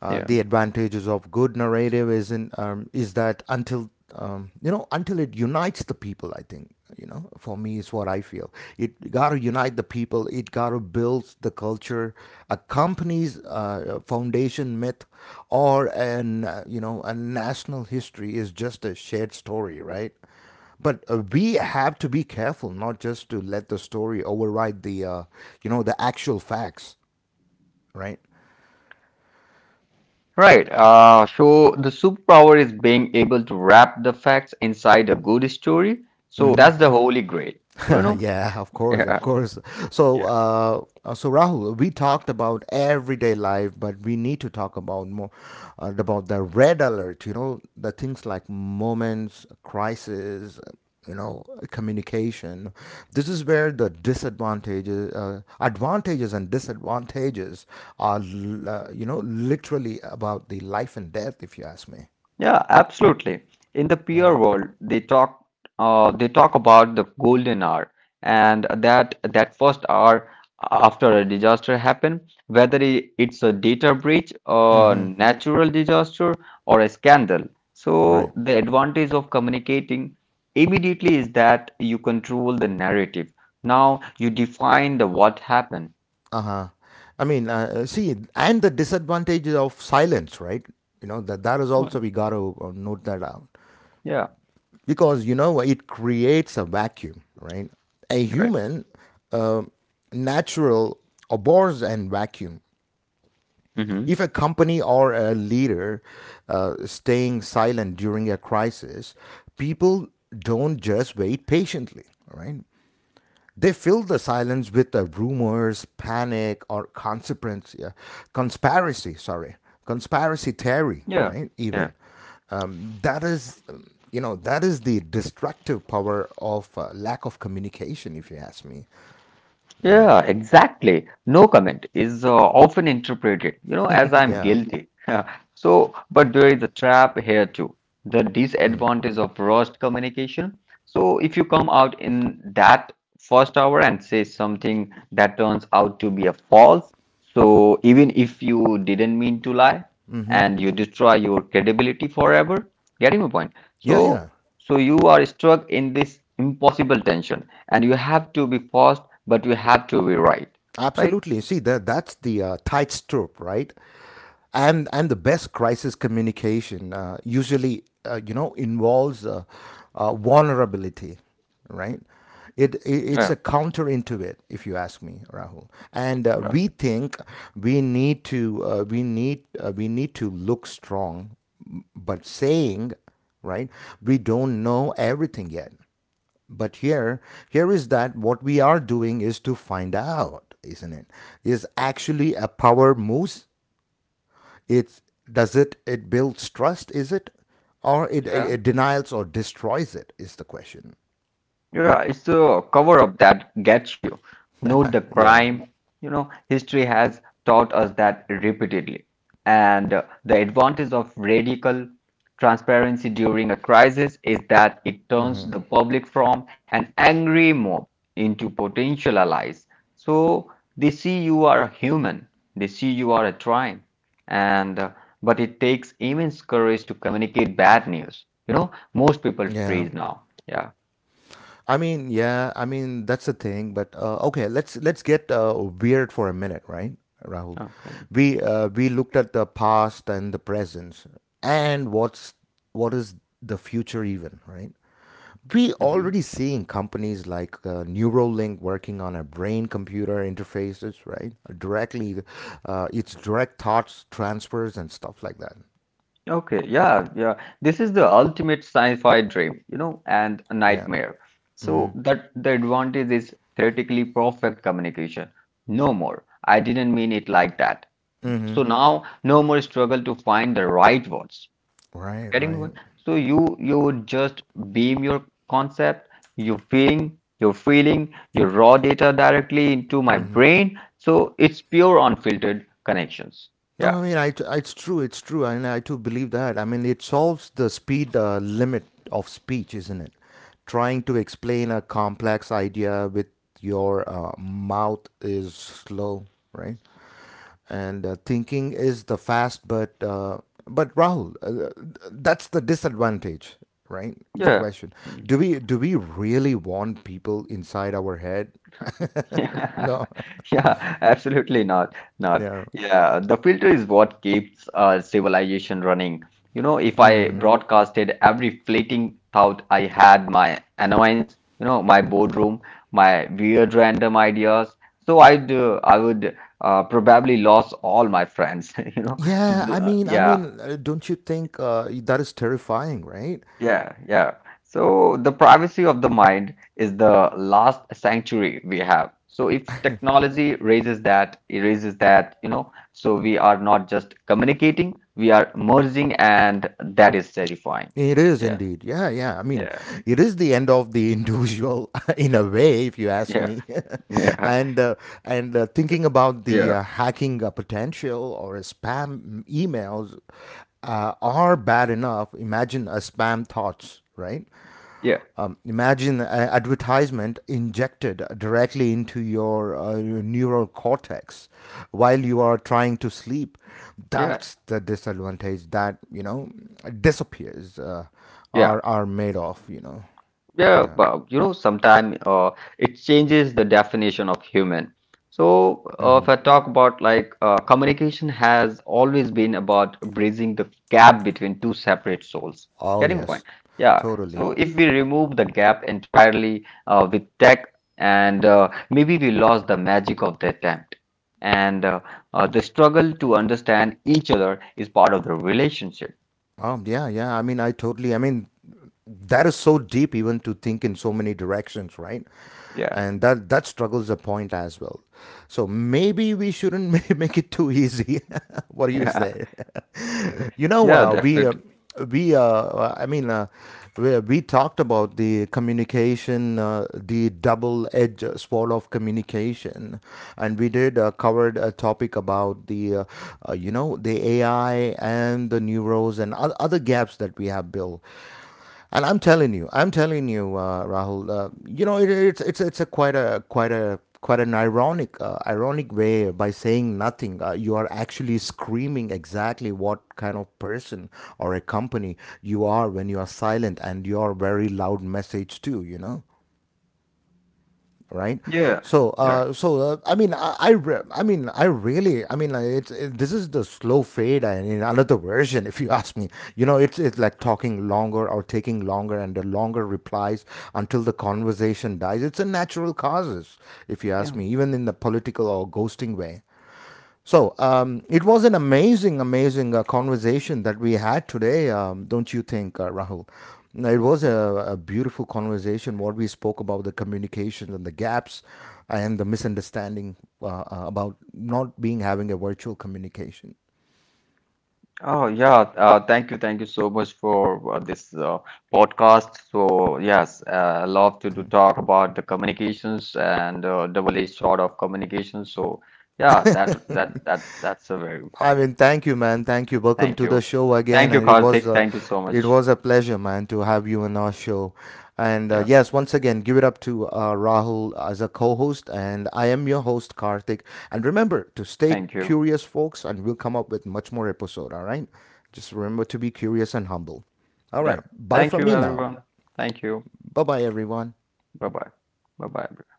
S2: yeah.
S1: The advantages of good narrative is in, is that until, you know, until it unites the people. I think you know for me is what I feel. It got to unite the people. It got to build the culture. A company's foundation myth or an you know a national history is just a shared story, right? But we have to be careful not just to let the story override the you know the actual facts, right.
S2: Right. So the superpower is being able to wrap the facts inside a good story. So that's the holy grail,
S1: (laughs)
S2: you know?
S1: Yeah, of course,
S2: Yeah,
S1: of course.
S2: yeah.
S1: So Rahul, we talked about everyday life, but we need to talk about more about the red alert. You know, the things like moments, crisis. You know, communication. This is where the disadvantages, advantages and disadvantages are. Literally about the life and death, if you ask me.
S2: Yeah, absolutely. In the PR
S1: Right.
S2: world, they talk about the golden hour, and that first hour after a disaster happen, whether it's a data breach, a
S1: Mm-hmm.
S2: natural disaster, or a scandal.
S1: Right.
S2: So the advantage of communicating immediately is that you control the narrative. Now you define the what happened.
S1: Uh-huh. See, and the disadvantages of silence, right? You know, that that is
S2: What?
S1: also we got to note that out,
S2: Yeah.
S1: because you know it creates a vacuum, right? A
S2: Right.
S1: human, uh, natural, abhors and vacuum.
S2: Hmm.
S1: If a company or a leader staying silent during a crisis, people don't just wait patiently, right? They fill the silence with rumors, panic, or consequence, yeah, conspiracy. Sorry, conspiracy theory,
S2: Yeah.
S1: right? Even that is, that is the destructive power of lack of communication. If you ask me,
S2: Yeah,
S1: yeah.
S2: exactly. No comment is often interpreted, you know, as
S1: (laughs)
S2: I'm
S1: Yeah,
S2: guilty. (laughs) So, but there is a trap here too. The disadvantage of rushed communication. So, if you come out in that first hour and say something that turns out to be a false, so even if you didn't mean to lie and you destroy your credibility forever, getting my point.
S1: yeah, yeah.
S2: So, so you are stuck in this impossible tension, and you have to be fast, but you have to be right, right?
S1: Absolutely. See, that that's the tight trope, right? And the best crisis communication usually involves vulnerability, right? It's
S2: Yeah,
S1: a counter into it, if you ask me, Rahul. And
S2: yeah,
S1: we think we need to we need to look strong, but saying, right, we don't know everything yet, but here, here is that what we are doing is to find out, isn't it, is actually a power move. It's, does it, it builds trust, is it, or it, it,
S2: yeah.
S1: it denies or destroys it, is the question.
S2: Yeah. It's the cover up that gets you. Note the
S1: Yeah,
S2: crime. You know, history has taught us that repeatedly, and the advantage of radical transparency during a crisis is that it turns the public from an angry mob into potential allies. So they see you are a human, they see you are a trying, and but it takes immense courage to communicate bad news. You know, most people
S1: yeah.
S2: freeze now. Yeah.
S1: I mean, yeah, I mean that's the thing. But okay, let's get weird for a minute, right, Rahul?
S2: Okay.
S1: We looked at the past and the present, and what is the future even, right? We
S2: Mhm.
S1: already seeing companies like Neuralink working on a brain computer interfaces, right? Directly, it's direct thoughts transfers and stuff like that.
S2: Okay, yeah, yeah. This is the ultimate sci-fi dream, you know, and a
S1: Yeah.
S2: nightmare. So that the advantage is theoretically perfect communication. No more. I didn't mean it like that.
S1: Mhm.
S2: So now no more struggle to find the right words.
S1: Right,
S2: Getting
S1: right.
S2: me? So you would just beam your concept, your feeling, your raw data directly into my brain. So it's pure unfiltered connections.
S1: No,
S2: Yeah.
S1: I mean, it's true, and I too believe that. I mean, it solves the speed limit of speech, isn't it? Trying to explain a complex idea with your mouth is slow, right? And thinking is the fast, but Rahul, that's the disadvantage, right? The
S2: Yeah.
S1: question:
S2: (laughs) (laughs)
S1: do we really want people inside our head? (laughs)
S2: Mm.
S1: No.
S2: Yeah, (laughs) absolutely not.
S1: (laughs)
S2: Not.
S1: Yeah.
S2: Yeah, the filter is what keeps civilization running. You know, if I
S1: Hmm.
S2: broadcasted every fleeting thought I had, my annoyance, you know, my boredom, my weird random ideas, so I would probably lose all my friends. (laughs) You know,
S1: Yeah, I mean, I
S2: Yeah.
S1: mean, uh, don't you think that is terrifying, right?
S2: Yeah, yeah. So the privacy of the mind is the last sanctuary we have. So if technology raises that, erases that, you know, so we are not just communicating, we are merging, and that is terrifying.
S1: It is
S2: Yeah,
S1: indeed. Yeah, yeah. I mean,
S2: yeah,
S1: it is the end of the individual (laughs) in a way, if you ask
S2: yeah,
S1: me. (laughs)
S2: yeah,
S1: and uh, and thinking about the
S2: yeah,
S1: hacking potential or spam emails are bad enough. Imagine a spam thoughts, right?
S2: yeah,
S1: Imagine an advertisement injected directly into your neural cortex while you are trying to sleep.
S2: yeah.
S1: That's the disadvantage that you know disappears
S2: Yeah.
S1: are made of. You know,
S2: Yeah,
S1: yeah.
S2: well, you know, sometimes it changes the definition of human. So, if I talk about like communication has always been about bridging the gap between two separate souls.
S1: Oh
S2: Getting my point?
S1: yes,
S2: Yeah.
S1: totally.
S2: So, if we remove the gap entirely with tech, and maybe we lost the magic of the attempt. And The struggle to understand each other is part of the relationship.
S1: Yeah, yeah. I mean, I totally. I mean, that is so deep, even to think in so many directions, right?
S2: Yeah. (laughs)
S1: And that that struggles a point as well. So maybe we shouldn't (laughs) make it too easy. (laughs) What do you
S2: Yeah.
S1: say? (laughs) You know,
S2: Yeah, definitely.
S1: we I mean, we talked about the communication, the double-edged sword of communication, and we did covered a topic about the you know the AI and the neuros and other gaps that we have Bill. And I'm telling you, Rahul. You know, it, it's a quite an ironic ironic way by saying nothing. You are actually screaming exactly what kind of person or a company you are when you are silent, and your very loud message too. You know, right.
S2: Yeah.
S1: so
S2: Right.
S1: so I mean I, re- I mean I really I mean like it's it, this is the slow fade and in another version (laughs) if you ask me. You know, it's like talking longer or taking longer and the longer replies until the conversation dies, it's a natural causes, if you ask
S2: Yeah.
S1: me, even in the political or ghosting way. So it was an amazing, amazing conversation that we had today, don't you think, Rahul? No, it was a beautiful conversation. What we spoke about the communication and the gaps, and the misunderstanding about not being having a virtual communication.
S2: Oh yeah, thank you so much for this podcast. So yes, I love to do talk about the communications and double-edged sword of communication. So yeah, that's a very important.
S1: I mean, thank you, man. Thank you.
S2: Thank
S1: Welcome to
S2: you,
S1: the show
S2: thank
S1: again,
S2: you,
S1: and
S2: Karthik. Thank you so
S1: it
S2: much.
S1: was a pleasure, man, to have you on our show. And
S2: Yeah,
S1: yes, once again, give it up to Rahul as a co-host, and I am your host, Karthik. And remember to stay
S2: thank you.
S1: curious, folks, and we'll come up with much more episode. All right, just remember to be curious and humble. All
S2: Yeah,
S1: right,
S2: thank
S1: bye from
S2: you,
S1: me now.
S2: everyone. Thank you.
S1: Bye bye, everyone.
S2: Bye bye. Bye bye.